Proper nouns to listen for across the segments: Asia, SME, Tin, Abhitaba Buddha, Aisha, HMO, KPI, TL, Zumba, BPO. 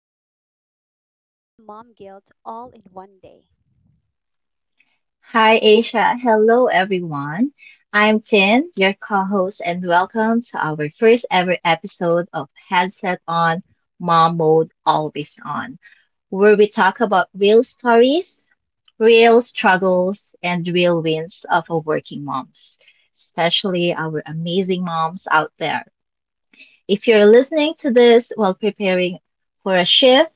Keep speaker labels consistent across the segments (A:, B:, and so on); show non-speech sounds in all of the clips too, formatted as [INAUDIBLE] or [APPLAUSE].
A: school reminders, and mom guilt all in one day.
B: Hi, Asia. Hello, everyone. I'm Tin, your co-host, and welcome to our first ever episode of Headset On, Mom Mode Always On, where we talk about real stories, real struggles, and real wins of our working moms, especially our amazing moms out there. If you're listening to this while preparing for a shift,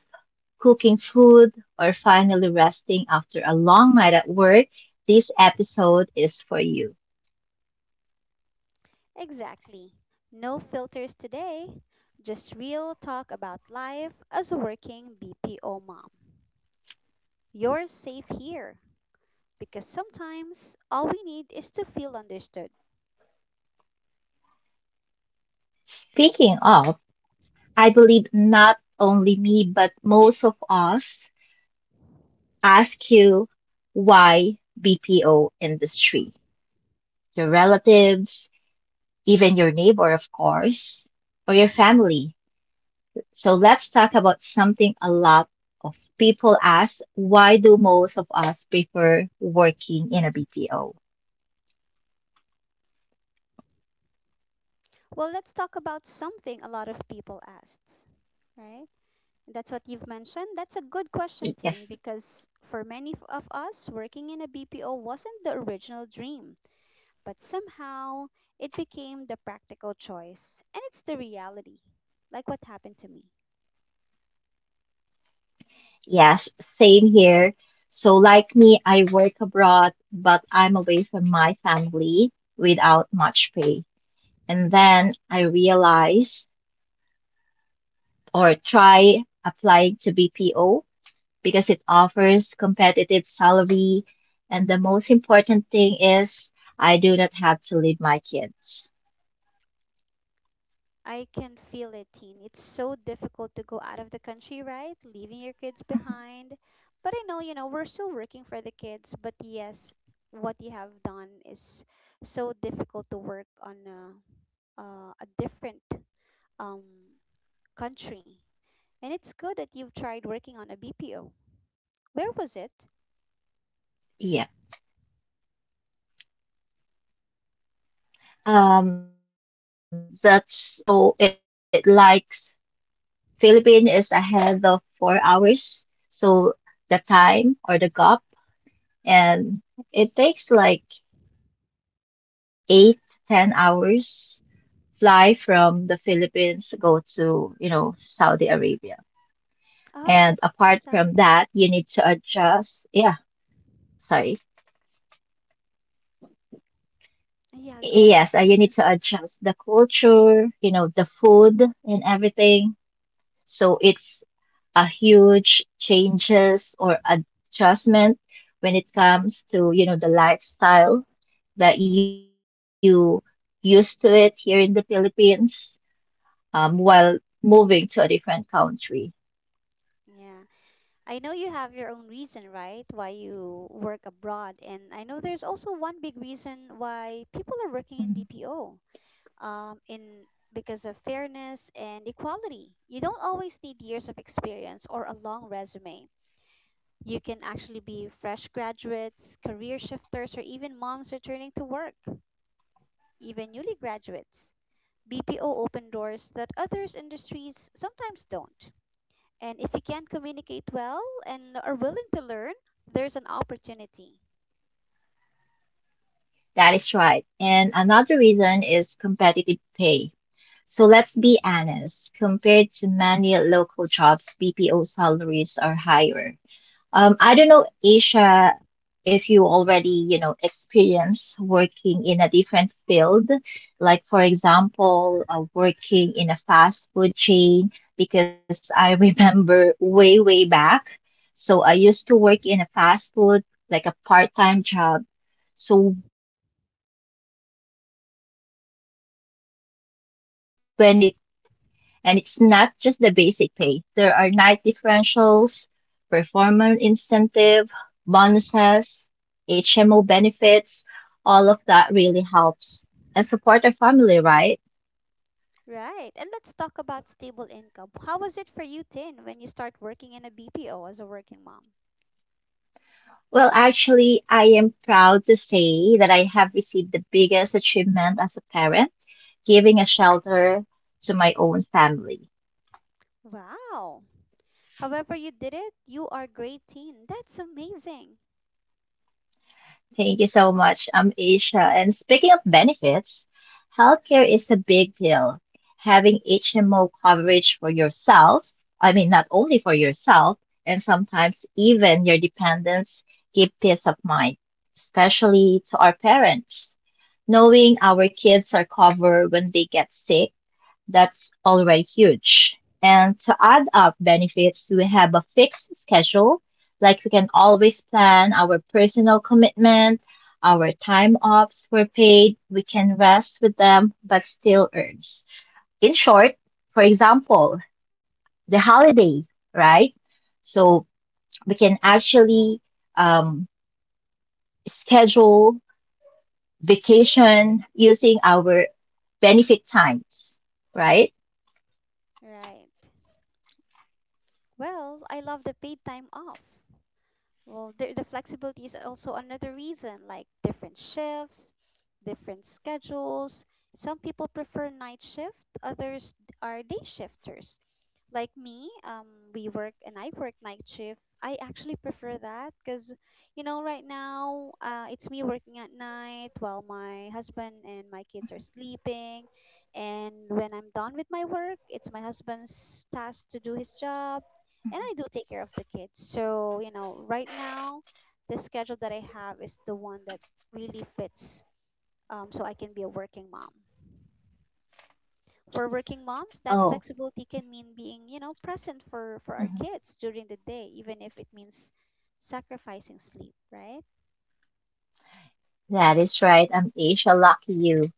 B: cooking food, or finally resting after a long night at work, this episode is for you.
A: Exactly. No filters today, just real talk about life as a working BPO mom. You're safe here because sometimes all we need is to feel understood.
B: Speaking of, I believe not only me, but most of us ask you, why BPO industry? Your relatives, even your neighbor, of course, or your family. So let's talk about something a lot of people ask: why do most of us prefer working in a BPO?
A: Well, let's talk about something a lot of people asked, right? That's what you've mentioned. That's a good question, Tin,
B: Yes.
A: because for many of us, working in a BPO wasn't the original dream, but somehow it became the practical choice. And it's the reality, like what happened to me.
B: Yes, same here. So, like me, I work abroad, but I'm away from my family without much pay. And then I realize or try applying to BPO because it offers competitive salary. And the most important thing is I do not have to leave my kids.
A: I can feel it, teen. It's so difficult to go out of the country, right? Leaving your kids behind. But I know, you know, we're still working for the kids. But yes, what you have done is so difficult to work on a different um, country. And it's good that you've tried working on a BPO. Where was
B: Yeah.
A: it?
B: That's in Saudi Arabia. So it likes Philippines is ahead of 4 hours. So the time or the gap, and it takes like 8 to 10 hours fly from the Philippines to go to Saudi Arabia.
A: Oh,
B: And
A: that's
B: apart from
A: Saudi.
B: that, you need to adjust. Yeah, sorry.
A: Yeah, go ahead.
B: Yes, you need to adjust the culture, the food and everything. So it's a huge changes or adjustment when it comes to the lifestyle that you used to it here in the Philippines while moving to a different country.
A: Yeah. I know you have your own reason, right, why you work abroad, and I know there's also one big reason why people are working
B: Mhm.
A: in BPO, in because of fairness and equality. You don't always need years of experience or a long resume. You can actually be fresh graduates, career shifters, or even moms returning to work, even newly graduates. BPO open doors that others industries sometimes don't. And if you can communicate well and are willing to learn, there's an opportunity.
B: That is right. And another reason is competitive pay. So let's be honest, compared to many local jobs, BPO salaries are higher. I don't know, Asia, if you already, you know, experience working in a different field, like for example, working in a fast food chain, because I [LAUGHS] remember way, way back. So I used to work in a fast food, like a part-time job. So when it comes to salary, it's way, way different, and it's not just the basic pay. There are night differentials, performance incentive, bonuses, HMO benefits. All of that really helps and support our family, right?
A: Right. And let's talk about stable income. How was it for you, Tin, when you start working in a BPO as a working mom?
B: Well, actually, I am proud to say that I have received the biggest achievement as a parent, giving a shelter to my own family.
A: Wow. However, you did it, you are great, Tin. That's amazing.
B: Thank you so much. I'm Aisha. And speaking of benefits, healthcare is a big deal. Having HMO coverage for yourself, I mean, not only for yourself, and sometimes even your dependents, give peace of mind, especially to our parents. Knowing our kids are covered when they get sick, that's already huge. And to add up benefits, we have a fixed schedule. Like we can always plan our personal commitment, our time offs were paid, we can rest with them, but still earns. In short, for example, the holiday, right? So we can actually um, schedule vacation using our benefit times, right?
A: Right. Well, I love the paid time off. Well, the flexibility is also another reason, like different shifts, different schedules. Some people prefer night shift, others are day shifters. Like me, we work and I work night shift. I actually prefer that because, you know, right now it's me working at night while my husband and my kids are sleeping. And when I'm done with my work, it's my husband's task to do his job and I do take care of the kids. So, you know, right now, the schedule that I have is the one that really fits, so I can be a working mom. For working moms, that
B: Oh.
A: flexibility can mean being, you know, present for, our kids during the day, even if it means sacrificing sleep, right?
B: That is right. I'm Asia. Lucky you.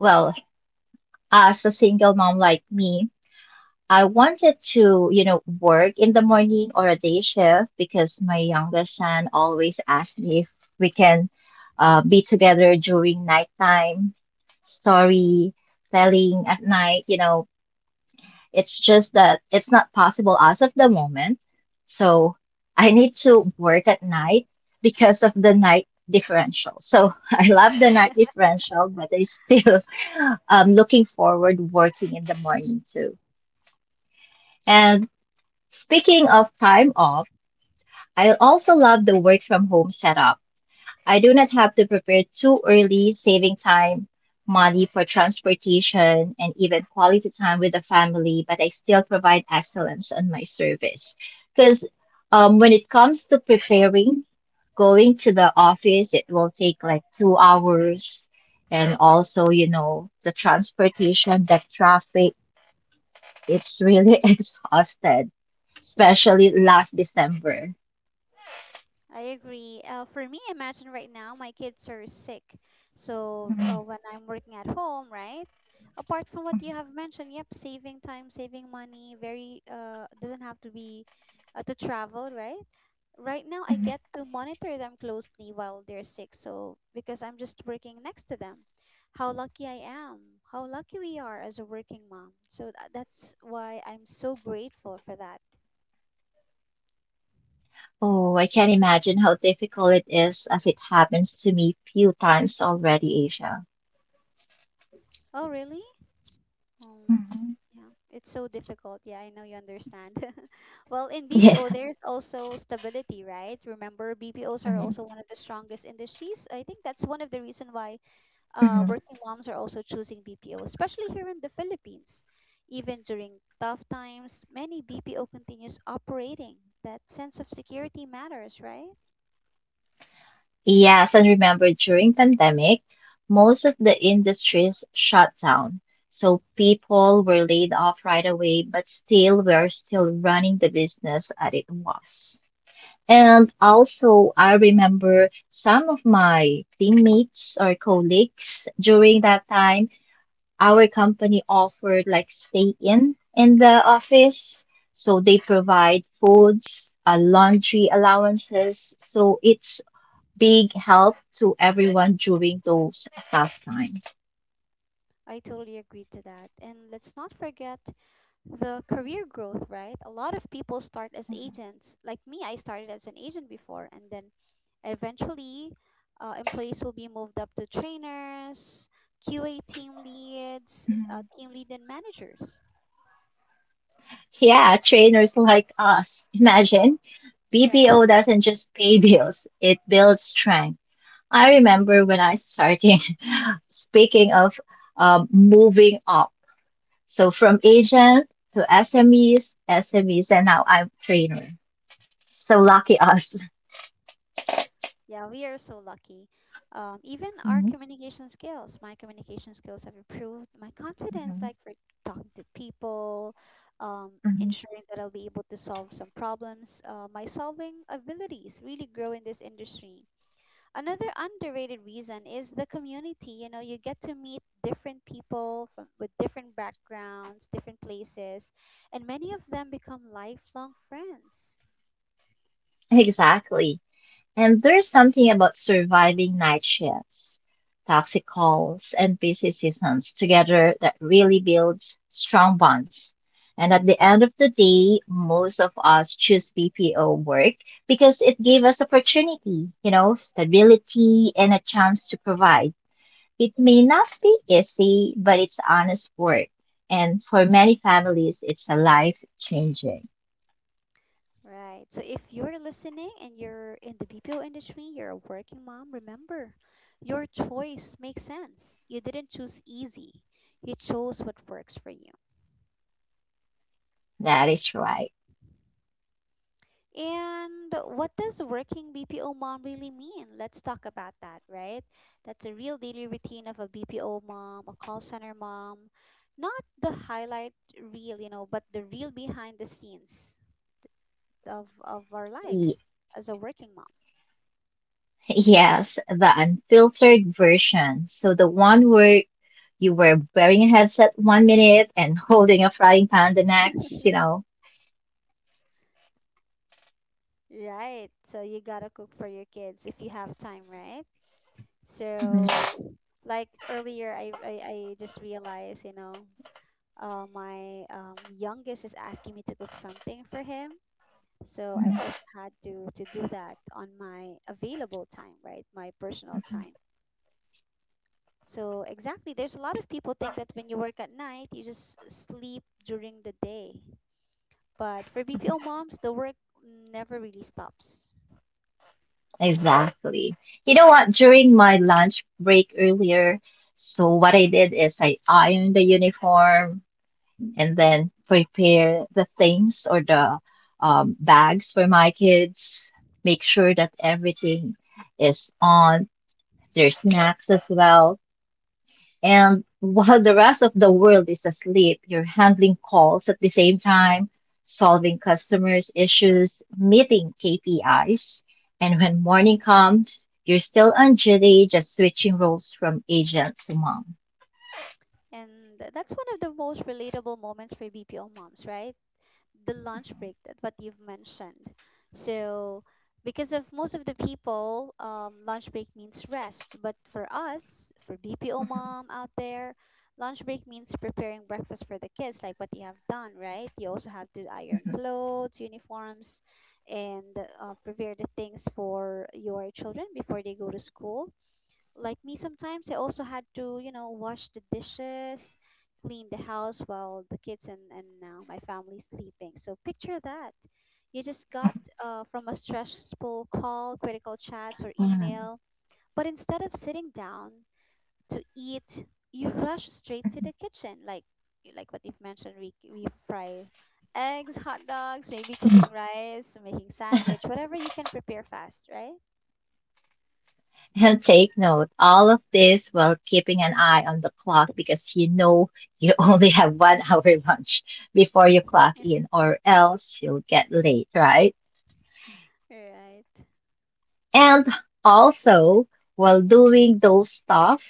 B: Well, as a single mom like me, I wanted to, you know, work in the morning or a day shift because my youngest son always asks me if we can be together during nighttime, story telling at night, you know, it's just that it's not possible as of the moment. So I need to work at night because of the night differential. So [LAUGHS] I love the night differential, but I still [LAUGHS] looking forward working in the morning too. And speaking of time off, I also love the work from home setup. I do not have to prepare too early, saving time, money for transportation, and even quality time with the family, but I still provide excellence on my service. Because when it comes to preparing, going to the office, it will take like 2 hours. And also, you know, the transportation, the traffic, it's really [LAUGHS] exhausted, especially last December.
A: I agree. For me, imagine right now my kids are sick. So when I'm working at home, right? Apart from what you have mentioned, yep, saving time, saving money, very doesn't have to be to travel, right? Right now, I get to monitor them closely while they're sick. So because I'm just working next to them, how lucky I am, how lucky we are as a working mom. So that's why I'm so grateful for that.
B: Oh, I can't imagine how difficult it is, as it happens to me few times already, Asia.
A: Oh, really? Um,
B: Hmm.
A: yeah, it's so difficult. Yeah, I know you understand. [LAUGHS] Well, in BPO,
B: Yeah.
A: there's also stability, right? Remember, BPOs are
B: Hmm.
A: also one of the strongest industries. I think that's one of the reason why
B: Hmm.
A: working moms are also choosing BPO, especially here in the Philippines. Even during tough times, many BPO continues operating. That sense of security matters, right?
B: Yes, and remember during pandemic, most of the industries shut down. So people were laid off right away, but still we're still running the business as it was. And also, I remember some of my teammates or colleagues during that time. Our company offered like stay in the office. So they provide foods, laundry allowances. So it's big help to everyone during those tough times.
A: I totally agree to that. And let's not forget the career growth, right? A lot of people start as agents. Like me, I started as an agent before, and then eventually, employees will be moved up to trainers, QA team leads,
B: Mhm.
A: team lead, and managers,
B: Yeah, trainers like us. [LAUGHS] Imagine
A: [LAUGHS]
B: BPO
A: right?
B: doesn't just pay bills, it builds strength. I remember when I started, [LAUGHS] speaking of moving up. So from agent to SMEs, SMEs, and now I'm trainer. So lucky us.
A: Yeah, we are so lucky. Even our
B: Mhm.
A: communication skills, my communication skills have improved. My confidence,
B: Mhm.
A: like for talking to people, um,
B: Mhm.
A: ensuring that I'll be able to solve some problems. My solving abilities really grow in this industry. Another underrated reason is the community. You know, you get to meet different people from with different backgrounds, different places, and many of them become lifelong friends.
B: Exactly. And there's something about surviving night shifts, toxic calls, and busy seasons together that really builds strong bonds. And at the end of the day, most of us choose BPO work because it gave us opportunity, you know, stability and a chance to provide. It may not be easy, but it's honest work. And for many families, it's a life changing.
A: Right. So if you're listening and you're in the BPO industry, you're a working mom, remember, your choice makes sense. You didn't choose easy. You chose what works for you.
B: That is right.
A: And what does working BPO mom really mean? Let's talk about that, right? That's a real daily routine of a BPO mom, a call center mom. Not the highlight reel, you know, but the real behind the scenes of our
B: [LAUGHS] Y-
A: lives as a working mom.
B: Yes, the unfiltered version. So the one where you were wearing a headset one minute and [LAUGHS] holding a frying pan the next, you know.
A: Right. So you gotta cook for your kids if you have time, right?
B: Mhm.
A: So like earlier, I just realized, you know, my youngest is asking me to cook something for him. So I also had to do that on my available time, right? My personal
B: Mhm.
A: time. So exactly, there's a lot of people think that when you work at night, you just sleep during the day. But for BPO moms, the work never really stops.
B: Exactly. You know what? During my lunch break earlier, so what I did is I ironed the uniform and then prepare the things or the bags for my kids. Make sure that everything is on, their snacks as well. And while the rest of the world is asleep, you're handling calls at the same time, solving customers' issues, meeting KPIs. And when morning comes, you're still on duty, just switching roles from agent to mom.
A: And that's one of the most relatable moments for BPO moms, right? The lunch break that what you've mentioned. So because of most of the people, lunch break means rest. But for us, for BPO
B: Mhm.
A: mom out there, lunch break means preparing breakfast for the kids, like what you have done, right? You also have to iron
B: Mhm.
A: clothes, uniforms, and prepare the things for your children before they go to school like me, sometimes I also had to, you know, wash the dishes, clean the house while the kids and my family sleeping. So picture that. You just got from a stressful call, critical chats, or
B: Mhm.
A: email. But instead of sitting down to eat, you rush straight to the kitchen. Like what you've mentioned, we fry eggs, hot dogs, maybe
B: Mhm.
A: cooking rice, making sandwich, whatever you can prepare fast, right?
B: And take note. All of this while keeping an eye on the clock because you know you [LAUGHS] only have 1 hour lunch before you clock
A: [LAUGHS]
B: in, or else you'll get late, right?
A: Right.
B: And also, while doing those stuff,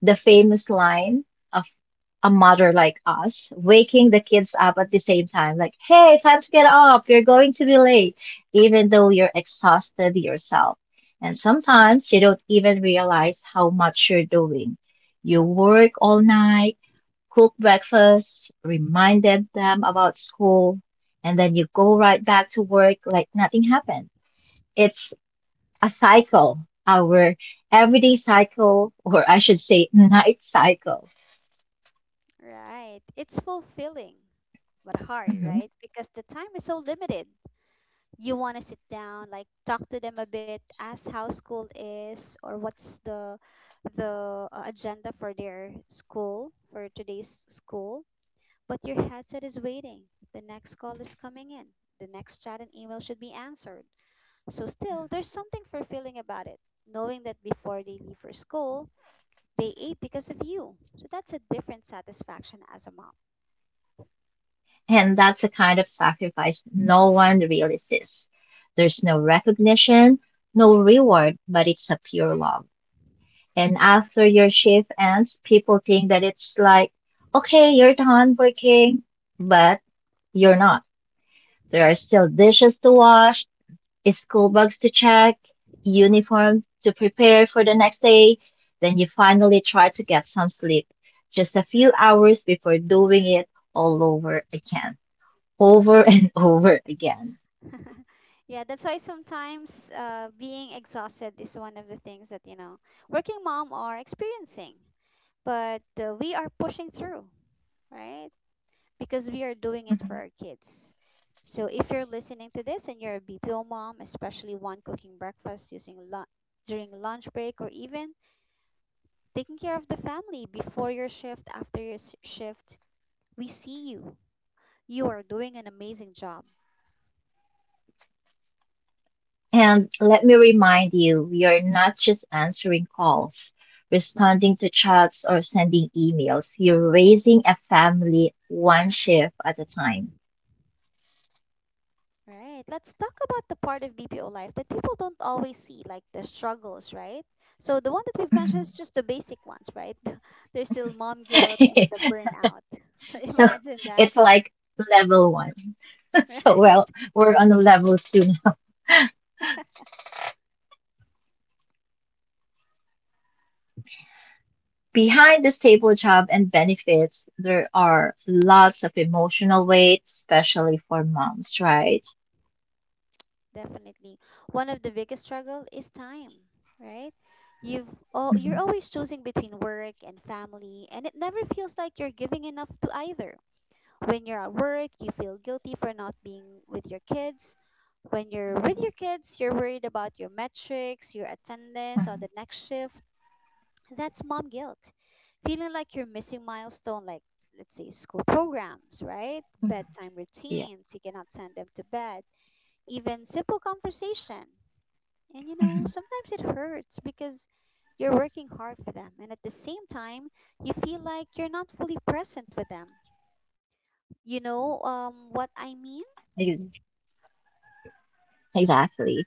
B: the famous line of a mother like us waking the kids up at the same time, like, hey, time to get up, you're going to be late, even though you're exhausted yourself. And sometimes you don't even realize how much you're doing. You work all night, cook breakfast, remind them about school, and then you go right back to work like nothing happened. It's a cycle, our everyday cycle, or I should say night cycle.
A: Right. It's fulfilling, but hard,
B: Mhm.
A: right? Because the time is so limited. You want to sit down, like talk to them a bit, ask how school is or what's the agenda for their school, for today's school, but your headset is waiting. The next call is coming in. The next chat and email should be answered. So still, there's something fulfilling about it, knowing that before they leave for school, they ate because of you. So that's a different satisfaction as a mom.
B: And that's a kind of sacrifice no one really sees. There's no recognition, no reward, but it's a pure love. And after your shift ends, people think that it's like, okay, you're done working, but you're not. There are still dishes to wash, school books to check, uniform to prepare for the next day, then you finally try to get some sleep just a few hours before doing it all over again, over and [LAUGHS] over again.
A: [LAUGHS] Yeah, that's why sometimes, being exhausted is one of the things that, you know, working mom are experiencing. But we are pushing through, right? Because we are doing it for
B: Mhm.
A: our kids. So if you're listening to this and you're a BPO mom, especially one cooking breakfast using lunch during lunch break or even taking care of the family before your shift, after your shift, we see you. You are doing an amazing job.
B: And let me remind you, we are not just answering calls, responding to chats, or sending emails. You're raising a family one shift at a time.
A: Right. Let's talk about the part of BPO life that people don't always see, like the struggles, right? So the one that we've mentioned is just the basic ones, right? [LAUGHS] There's still mom guilt and the
B: [LAUGHS]
A: burnout. [LAUGHS] So
B: So
A: imagine that.
B: it's like level one. [LAUGHS]
A: [LAUGHS]
B: So,
A: Right?
B: well, we're on a level two now. Behind the stable job and benefits, there are lots of emotional weight, especially for moms, right?
A: Definitely. One of the biggest struggle is time, right? You're
B: Mhm.
A: always choosing between work and family, and it never feels like you're giving enough to either. When you're at work, you feel guilty for not being with your kids. When you're
B: Mhm.
A: with your kids, you're worried about your metrics, your attendance on
B: Mhm.
A: the next shift. That's mom guilt. Feeling like you're missing milestone like, let's say, school programs, right?
B: Mhm.
A: Bedtime
B: Yeah.
A: routines, you cannot send them to bed, even simple conversation. And you know,
B: Mhm.
A: sometimes it hurts because you're working hard for them and at the same time you feel like you're not fully present with them. You know what
B: Ex-
A: I mean?
B: Exactly.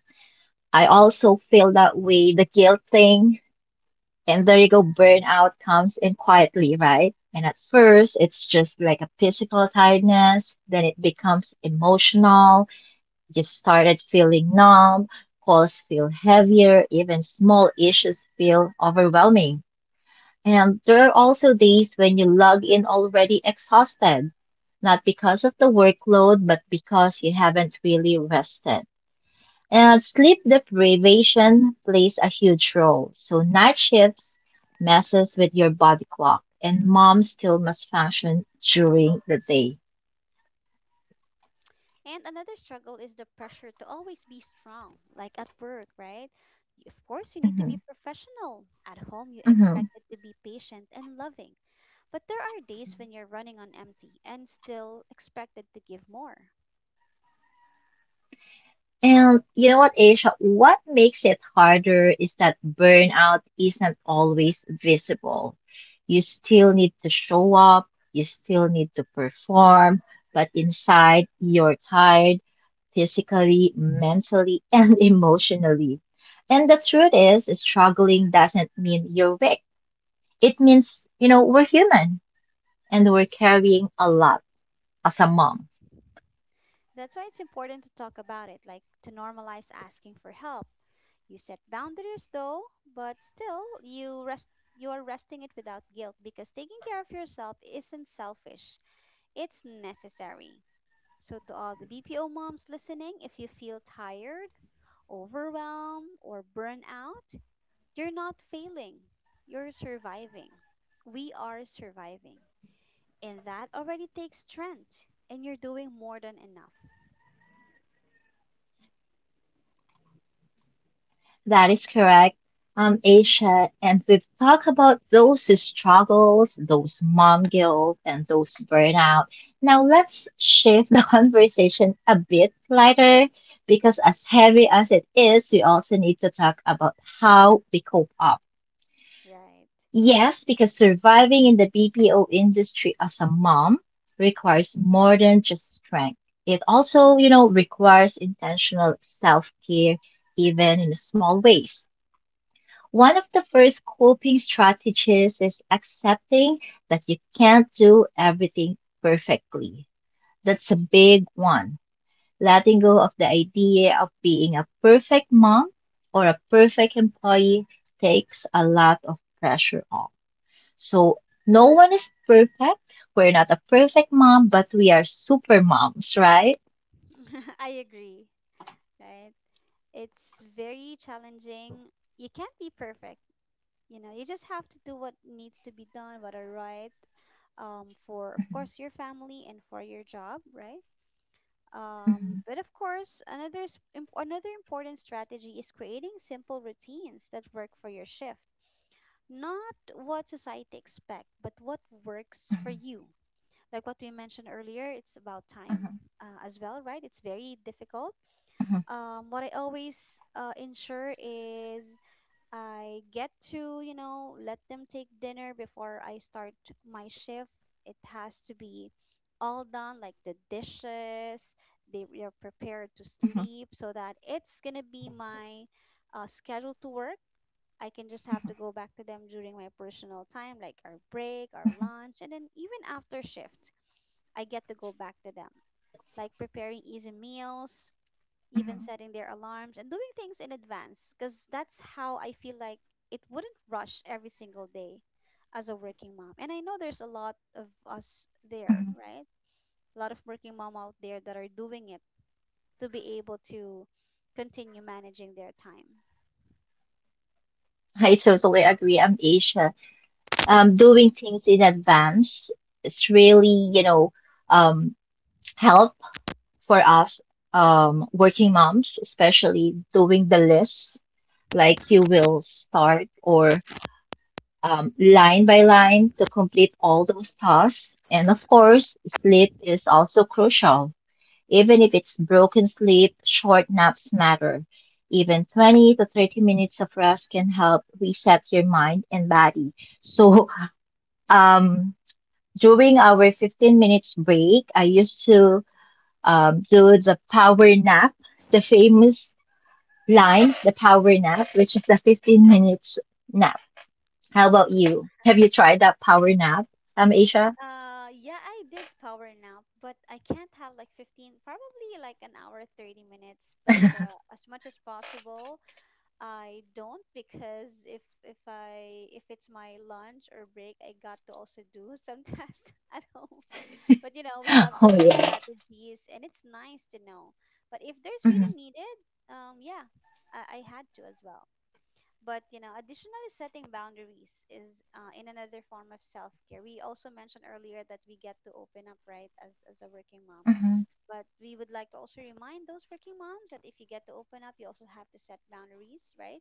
B: I also feel that way, the guilt thing. And there you go, burnout comes in quietly, right? And at first, it's just like a physical tiredness, then it becomes emotional. Just started feeling numb, calls feel heavier, even small issues feel overwhelming. And there are also days when you log in already exhausted, not because of the workload, but because you haven't really rested. And sleep deprivation plays a huge role. So night shifts messes with your body clock, and mom still must function during the day.
A: And another struggle is the pressure to always be strong, like at work, right? Of course, you need to be
B: Mhm.
A: professional. At home, you expect
B: Mhm.
A: it to be patient and loving. But there are days when you're running on empty and still expected to give more.
B: And you know what, Asia? What makes it harder is that burnout isn't always visible. You still need to show up, you still need to perform, but inside you're tired physically, mentally, [LAUGHS] and emotionally. And the truth is, struggling doesn't mean you're weak. It means, you know, we're human and we're carrying a lot as a mom.
A: That's why it's important to talk about it, like to normalize asking for help. You set boundaries though, but still you are resting it without guilt because taking care of yourself isn't selfish. It's necessary. So, to all the BPO moms listening, if you feel tired, overwhelmed, or burnt out, you're not failing. You're surviving. We are surviving. And that already takes strength, and you're doing more than enough.
B: That is correct, Aisha. And we've talked about those struggles, those mom guilt, and those burnout. Now let's shift the [LAUGHS] conversation a bit lighter because, as heavy as it is, we also need to talk about how we cope up.
A: Right.
B: Yes, because surviving in the BPO industry as a mom requires more than just strength. It also, you know, requires intentional self care, even in small ways. One of the first coping strategies is accepting that you can't do everything perfectly. That's a big one. Letting go of the idea of being a perfect mom or a perfect employee takes a lot of pressure off. So, no one is perfect. We're not a perfect mom, but we are super moms, right?
A: [LAUGHS] I agree. Right. It's very challenging. You can't be perfect. You know, you just have to do what needs to be done, what are right, for, of
B: Mhm.
A: course, your family and for your job, right?
B: Mhm.
A: But of course, another important strategy is creating simple routines that work for your shift. Not what society expects, but what works for you. Like what we mentioned earlier, it's about time
B: Mhm.
A: as well, right? It's very difficult.
B: Mhm.
A: What I always ensure is I get to, you know, let them take dinner before I start my shift. It has to be all done, like the dishes, they are prepared to
B: Mhm.
A: sleep so that it's going to be my schedule to work. I can just have
B: Mhm.
A: to go back to them during my personal time, like our break, our
B: Mhm.
A: lunch, and then even after shift, I get to go back to them. Like preparing easy meals, even
B: Mhm.
A: setting their alarms and doing things in advance because that's how I feel like it wouldn't rush every single day as a working mom. And I know there's a lot of us there,
B: Mhm.
A: right? A lot of working mom out there that are doing it to be able to continue managing their time.
B: I totally agree. I'm Asian. Doing things in advance is really, um, help for us working moms, especially doing the list. Like you will start or line by line to complete all those tasks. And of course, sleep is also crucial. Even if it's broken sleep, short naps matter. Even 20 to 30 minutes of rest can help reset your mind and body. So, um, During our 15 minutes break, I used to do the power nap, the famous line, the power nap, which is the 15 minutes nap. How about you? Have you tried that power nap, Aisha?
A: Yeah, I did power nap, but I can't have like 15, probably like an hour, 30 minutes, but as much as possible, I don't because if it's my lunch or break, I got to also do some [LAUGHS] tasks at home. But you know, we have
B: [GASPS] Oh,
A: different
B: yeah.
A: strategies and it's nice to know. But if there's
B: hmm
A: really needed, yeah, I had to as well. But you know, additionally, setting boundaries is in another form of self care. We also mentioned earlier that we get to open up, right, as a working mom.
B: hmm
A: But we would like to also remind those working moms that if you get to open up, you also have to set boundaries, right?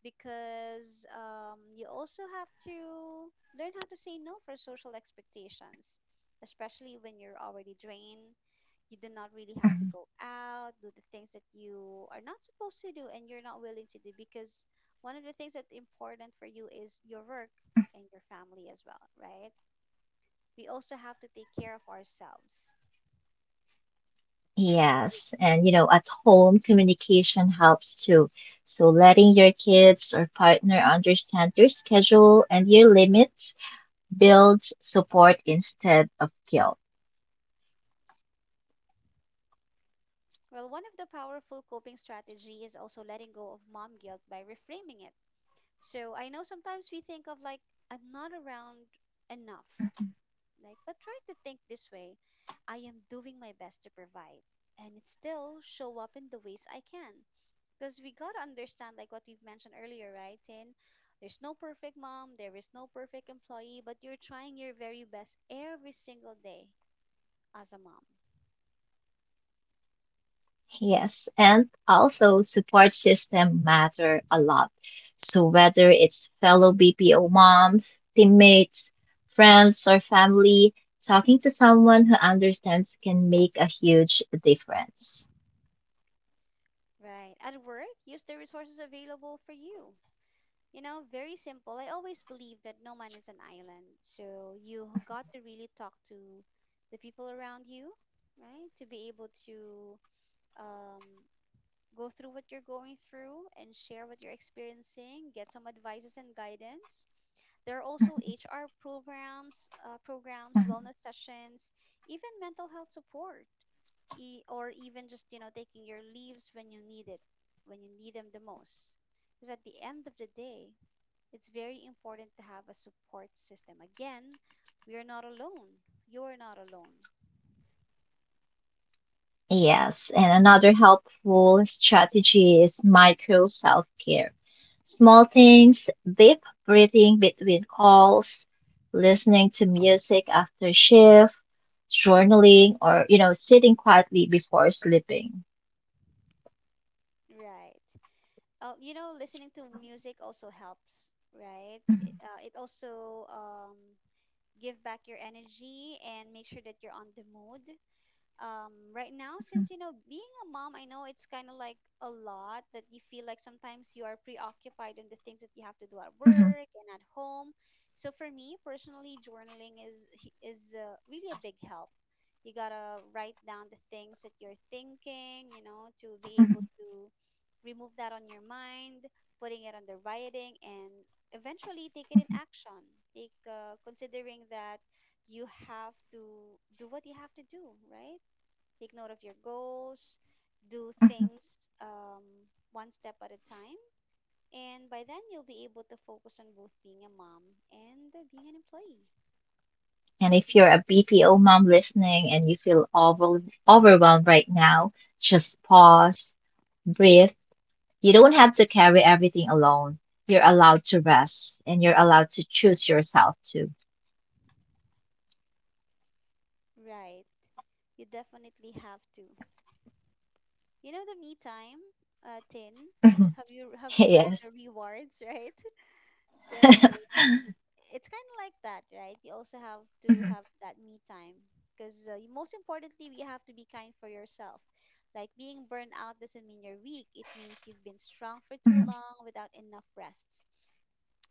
A: Because you also have to learn how to say no for social expectations, especially when you're already drained. You do not really have to
B: hmm
A: go out, do the things that you are not supposed to do and you're not willing to do because one of the things that's important for you is your work and your family as well, right? We also have to take care of ourselves.
B: Yes, and you know, at home, communication helps too. So letting your kids or partner understand your schedule and your limits builds support instead of guilt.
A: Well, one of the powerful coping strategy is also letting go of mom guilt by reframing it. So I know sometimes we think of like, I'm not around enough. Like, but try to think this way: I am doing my best to provide and it still show up in the ways I can. Because we got to understand, like what we've mentioned earlier, right, Tin? There's no perfect mom, there is no perfect employee, but you're trying your very best every single day as a mom,
B: Yes, and also support system matter a lot. So whether it's fellow BPO moms, teammates, friends, or family, talking to someone who understands can make a huge difference.
A: right? At work, use the resources available for you. You know, very simple. I always believe that no man is an island. So you got to really talk to the people around you, right? To be able to um, go through what you're going through and share what you're experiencing, get some advices and guidance. There are also HR programs,
B: Mm-hmm.
A: wellness sessions, even mental health support or even just you know taking your leaves when you need it, when you need them the most, because at the end of the day it's very important to have a support system. Again, we are not alone. You are not alone.
B: Yes, and another helpful strategy is micro self care. Small things, deep breathing between calls, listening to music after shift, journaling, or, sitting quietly before sleeping.
A: Right. You know, listening to music also helps, right?
B: Mhm,
A: It also give back your energy and make sure that you're on the mood right now, since you know being a mom, I know it's kind of like a lot that you feel like sometimes you are preoccupied in the things that you have to do at
B: mhm,
A: work and at home. So for me personally, journaling is really a big help. You gotta write down the things that you're thinking, you know, to be able
B: mhm,
A: to remove that on your mind, putting it on the writing and eventually take it in
B: mhm,
A: action. Take considering that you have to do what you have to do, right? Take note of your goals, do
B: mhm.
A: things one step at a time. And by then, you'll be able to focus on both being a mom and being an employee.
B: And if you're a BPO mom listening and you feel overwhelmed right now, just pause, breathe. You don't have to carry everything alone. You're allowed to rest and you're allowed to choose yourself too.
A: Right. You definitely have to. You know the me time, Tin?
B: Mhm. [LAUGHS]
A: Have you heard
B: Yes.
A: the rewards, right? [LAUGHS] So it's kind of like that, right? You also have to
B: Mhm,
A: have that me time because most importantly, you have to be kind for yourself. Like being burned out doesn't mean you're weak. It means you've been strong for too
B: mhm,
A: long without enough rests.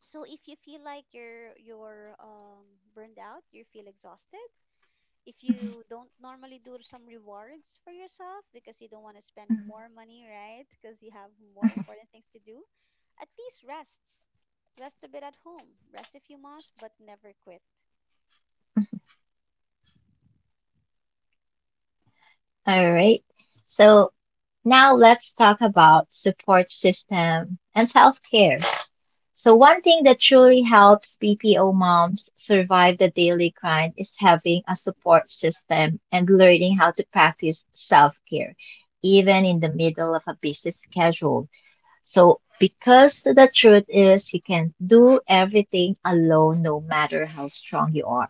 A: So if you feel like you're burned out, you feel exhausted, if
B: mhm,
A: you don't normally do some rewards for yourself because you don't want to spend
B: mhm.
A: more money, right? Because you have more important things to do, at least rests. Rest a bit at home. Rest if you must, but never quit.
B: Mhm. All right. So now let's talk about support system and self-care. So one thing that truly helps BPO moms survive the daily grind is having a support system and learning how to practice self-care, even in the middle of a busy schedule. So, because the truth is, you can't do everything alone, no matter how strong you are.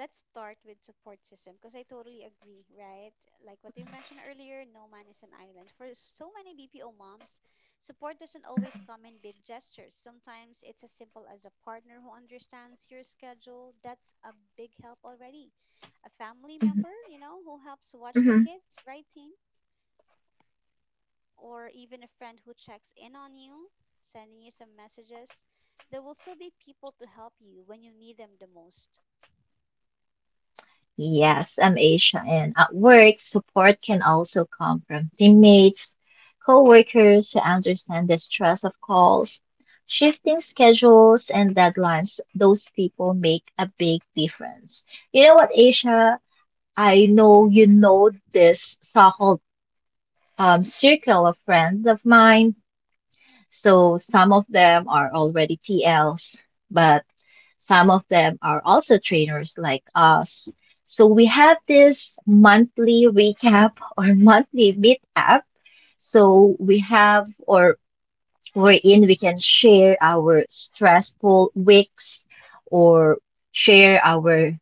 A: Let's start with support system because I totally agree, right? Like what you mentioned earlier, no man is an island. For so many BPO moms, support doesn't always come in big gestures. Sometimes it's as simple as a partner who understands your schedule. That's a big help already. A family
B: Mhm.
A: member, you know, who helps watch the
B: Mhm.
A: kids, right, teen? Or even a friend who checks in on you, sending you some messages. There will still be people to help you when you need them the most.
B: Yes, I'm Asia, and at work, support can also come from teammates, coworkers who understand the stress of calls, shifting schedules, and deadlines. Those people make a big difference. You know what, Asia? I know you know this so-called circle of friends of mine. So some of them are already TLs, but some of them are also trainers like us. So we have this monthly recap [LAUGHS] or monthly meetup. So we have or wherein we can share our stressful weeks or share our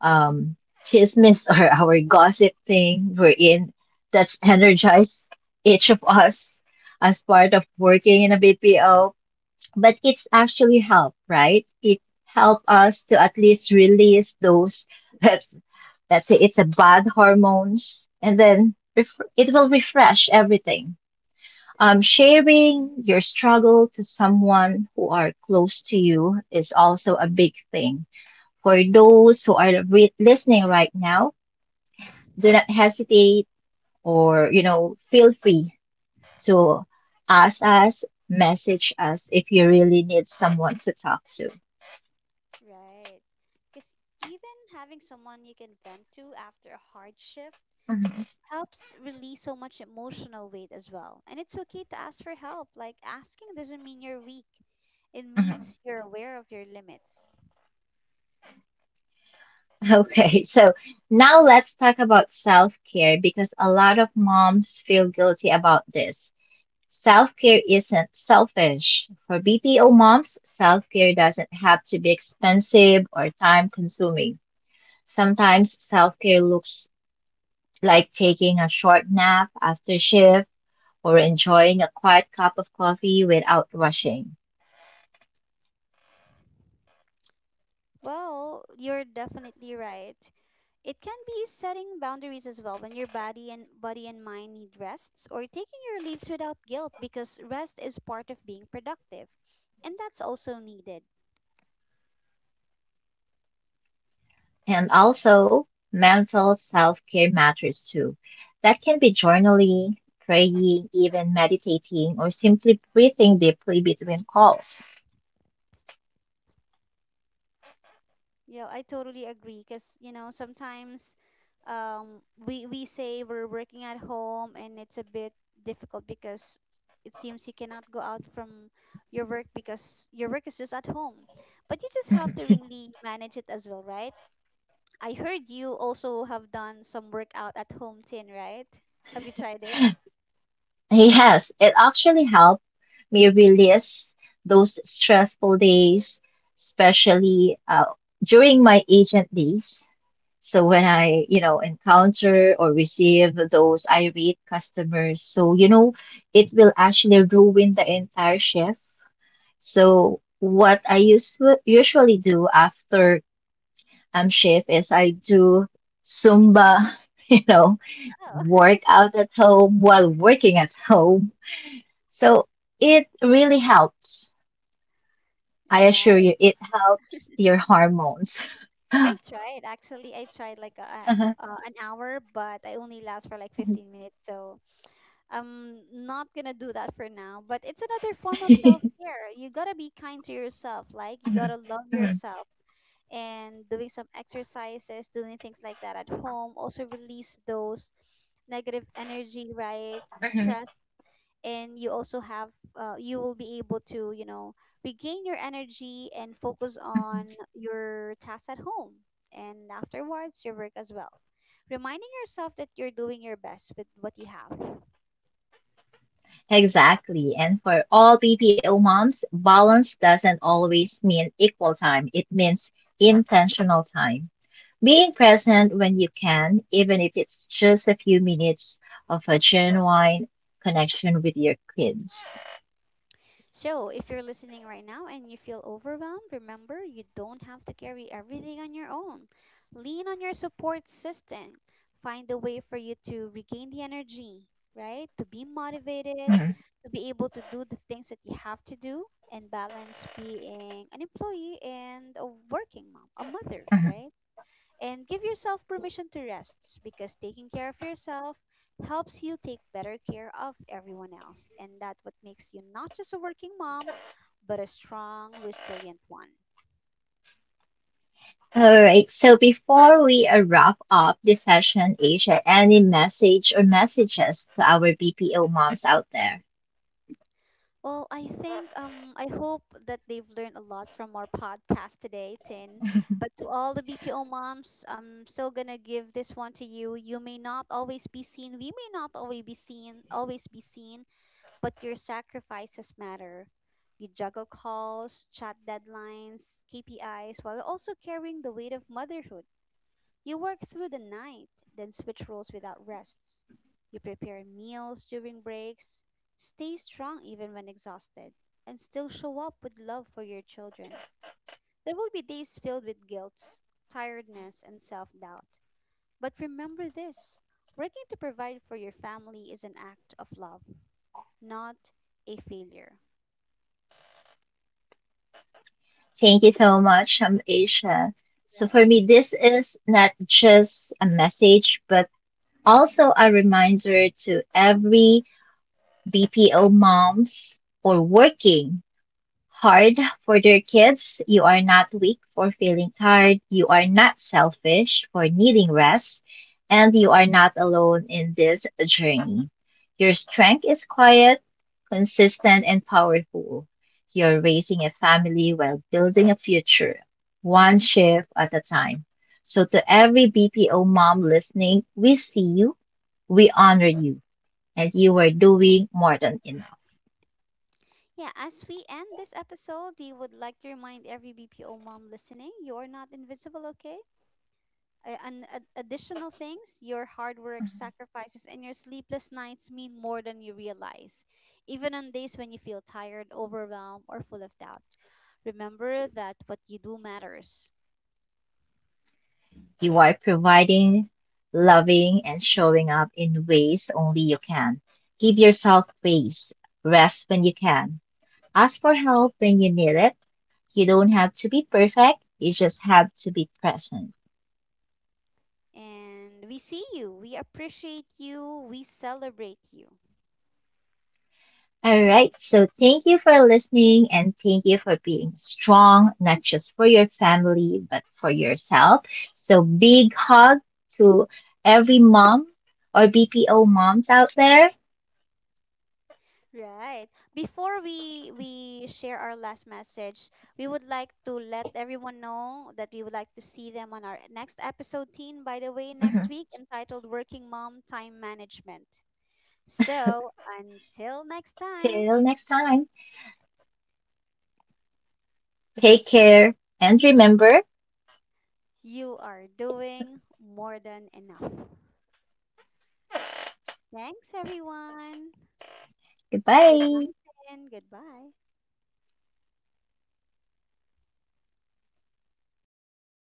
B: um chismis or our gossip thing we're in that's energized each of us as part of working in a BPO. But it's actually help, right? It help us to at least release those [LAUGHS] that, let's say, it's a bad hormones and then it will refresh everything. Sharing your struggle to someone who are close to you is also a big thing for those who are listening right now. Do not hesitate or, you know, feel free to ask us, message us if you really need someone to talk to.
A: Right. Because even having someone you can vent to after a hard shift
B: Mhm,
A: helps release so much emotional weight as well. And it's okay to ask for help. Like, asking doesn't mean you're weak, it
B: mhm.
A: means
B: [LAUGHS]
A: you're aware of your limits.
B: Okay, so now let's talk about self care because a lot of moms feel guilty about this. Self care isn't selfish. For BPO moms, self care doesn't have to be expensive or time consuming. Sometimes self care looks like taking a short nap after shift or enjoying a quiet cup of coffee without rushing.
A: Well, you're definitely right. It can be setting boundaries as well when your body and mind need rests or taking your leaves without guilt because rest is part of being productive. And that's also needed.
B: And also, mental self care matters too. That can be journaling, praying, even meditating, or simply breathing deeply between calls.
A: Yeah, I totally agree because you know sometimes we say we're working at home and it's a bit difficult because it seems you cannot go out from your work because your work is just at home. But you just have to
B: Mhm.
A: really manage it as well, right? I heard you also have done some workout at home, tin, right? Have you tried it?
B: Yes, it actually helped me release those stressful days, especially during my agent days. So when I, you know, encounter or receive those irate customers, so, you know, it will actually ruin the entire shift. So what I usually do after shift is I do Zumba, [LAUGHS] you know,
A: Oh, [LAUGHS]
B: workout at home while working at home. So it really helps. I assure
A: right.
B: you, it helps your hormones. [LAUGHS]
A: Well, I
B: [LAUGHS]
A: tried actually. I tried like a, an hour, but I only last for like 15 minutes. So I'm not gonna do that for now, but it's another form of self care. You gotta be kind to yourself, like you gotta love
B: Mhm.
A: yourself, and doing some exercises, doing things like that at home, also release those negative energy, right?
B: Mhm.
A: Stress. And you also have, you will be able to, you know, regain your energy and focus on your tasks at home and afterwards your work as well. Reminding yourself that you're doing your best with what you have.
B: Exactly. And for all BPO moms, balance doesn't always mean equal time. It means intentional time. Being present when you can, even if it's just a few minutes of a genuine connection with your kids.
A: So, if you're listening right now and you feel overwhelmed, remember you don't have to carry everything on your own. Lean on your support system. Find a way for you to regain the energy, right? To be motivated,
B: Mhm.
A: to be able to do the things that you have to do and balance being an employee and a working mom, a mother,
B: Mhm.
A: right? And give yourself permission to rest because taking care of yourself helps you take better care of everyone else. And that what makes you not just a working mom, but a strong, resilient one.
B: All right. So before we wrap up this session, Asia, any message or messages to our BPO moms out there?
A: Well, I think I hope that they've learned a lot from our podcast today, Tin. But to all the BPO moms, I'm still gonna give this one to you. You may not always be seen. We may not always be seen. Always be seen. But your sacrifices matter. You juggle calls, chat deadlines, KPIs, while also carrying the weight of motherhood. You work through the night, then switch roles without rests. You prepare meals during breaks, stay strong even when exhausted, and still show up with love for your children. There will be days filled with guilt, tiredness, and self doubt. But remember this: working to provide for your family is an act of love, not a failure.
B: Thank you so much, Aisha. So for
A: Right.
B: me, this is not just a message, but also a reminder to every BPO moms or working hard for their kids. You are not weak for feeling tired. You are not selfish for needing rest. And you are not alone in this journey. Your strength is quiet, consistent, and powerful. You're raising a family while building a future, one shift at a time. So, to every BPO mom listening, we see you, we honor you, and you are doing more than enough.
A: Yeah, as we end this episode, we would like to remind every BPO mom listening, you're not invincible, okay? Additional things, your hard work, sacrifices, and your sleepless nights mean more than you realize, even on days when you feel tired, overwhelmed, or full of doubt. Remember that what you do matters.
B: You are providing, loving, and showing up in ways only you can. Give yourself space. Rest when you can. Ask for help when you need it. You don't have to be perfect. You just have to be present.
A: And we see you, we appreciate you, we celebrate you.
B: All right. So thank you for listening and thank you for being strong, not just for your family, but for yourself. So big hug to every mom or BPO moms out there.
A: Right. Before we share our last message, we would like to let everyone know that we would like to see them on our next episode, teen, by the way, next
B: Mhm.
A: week, entitled Working Mom Time Management. So, until next time,
B: Till next time. Take care and remember,
A: you are doing more than enough. Thanks everyone. Good
B: goodbye.
A: night and goodbye.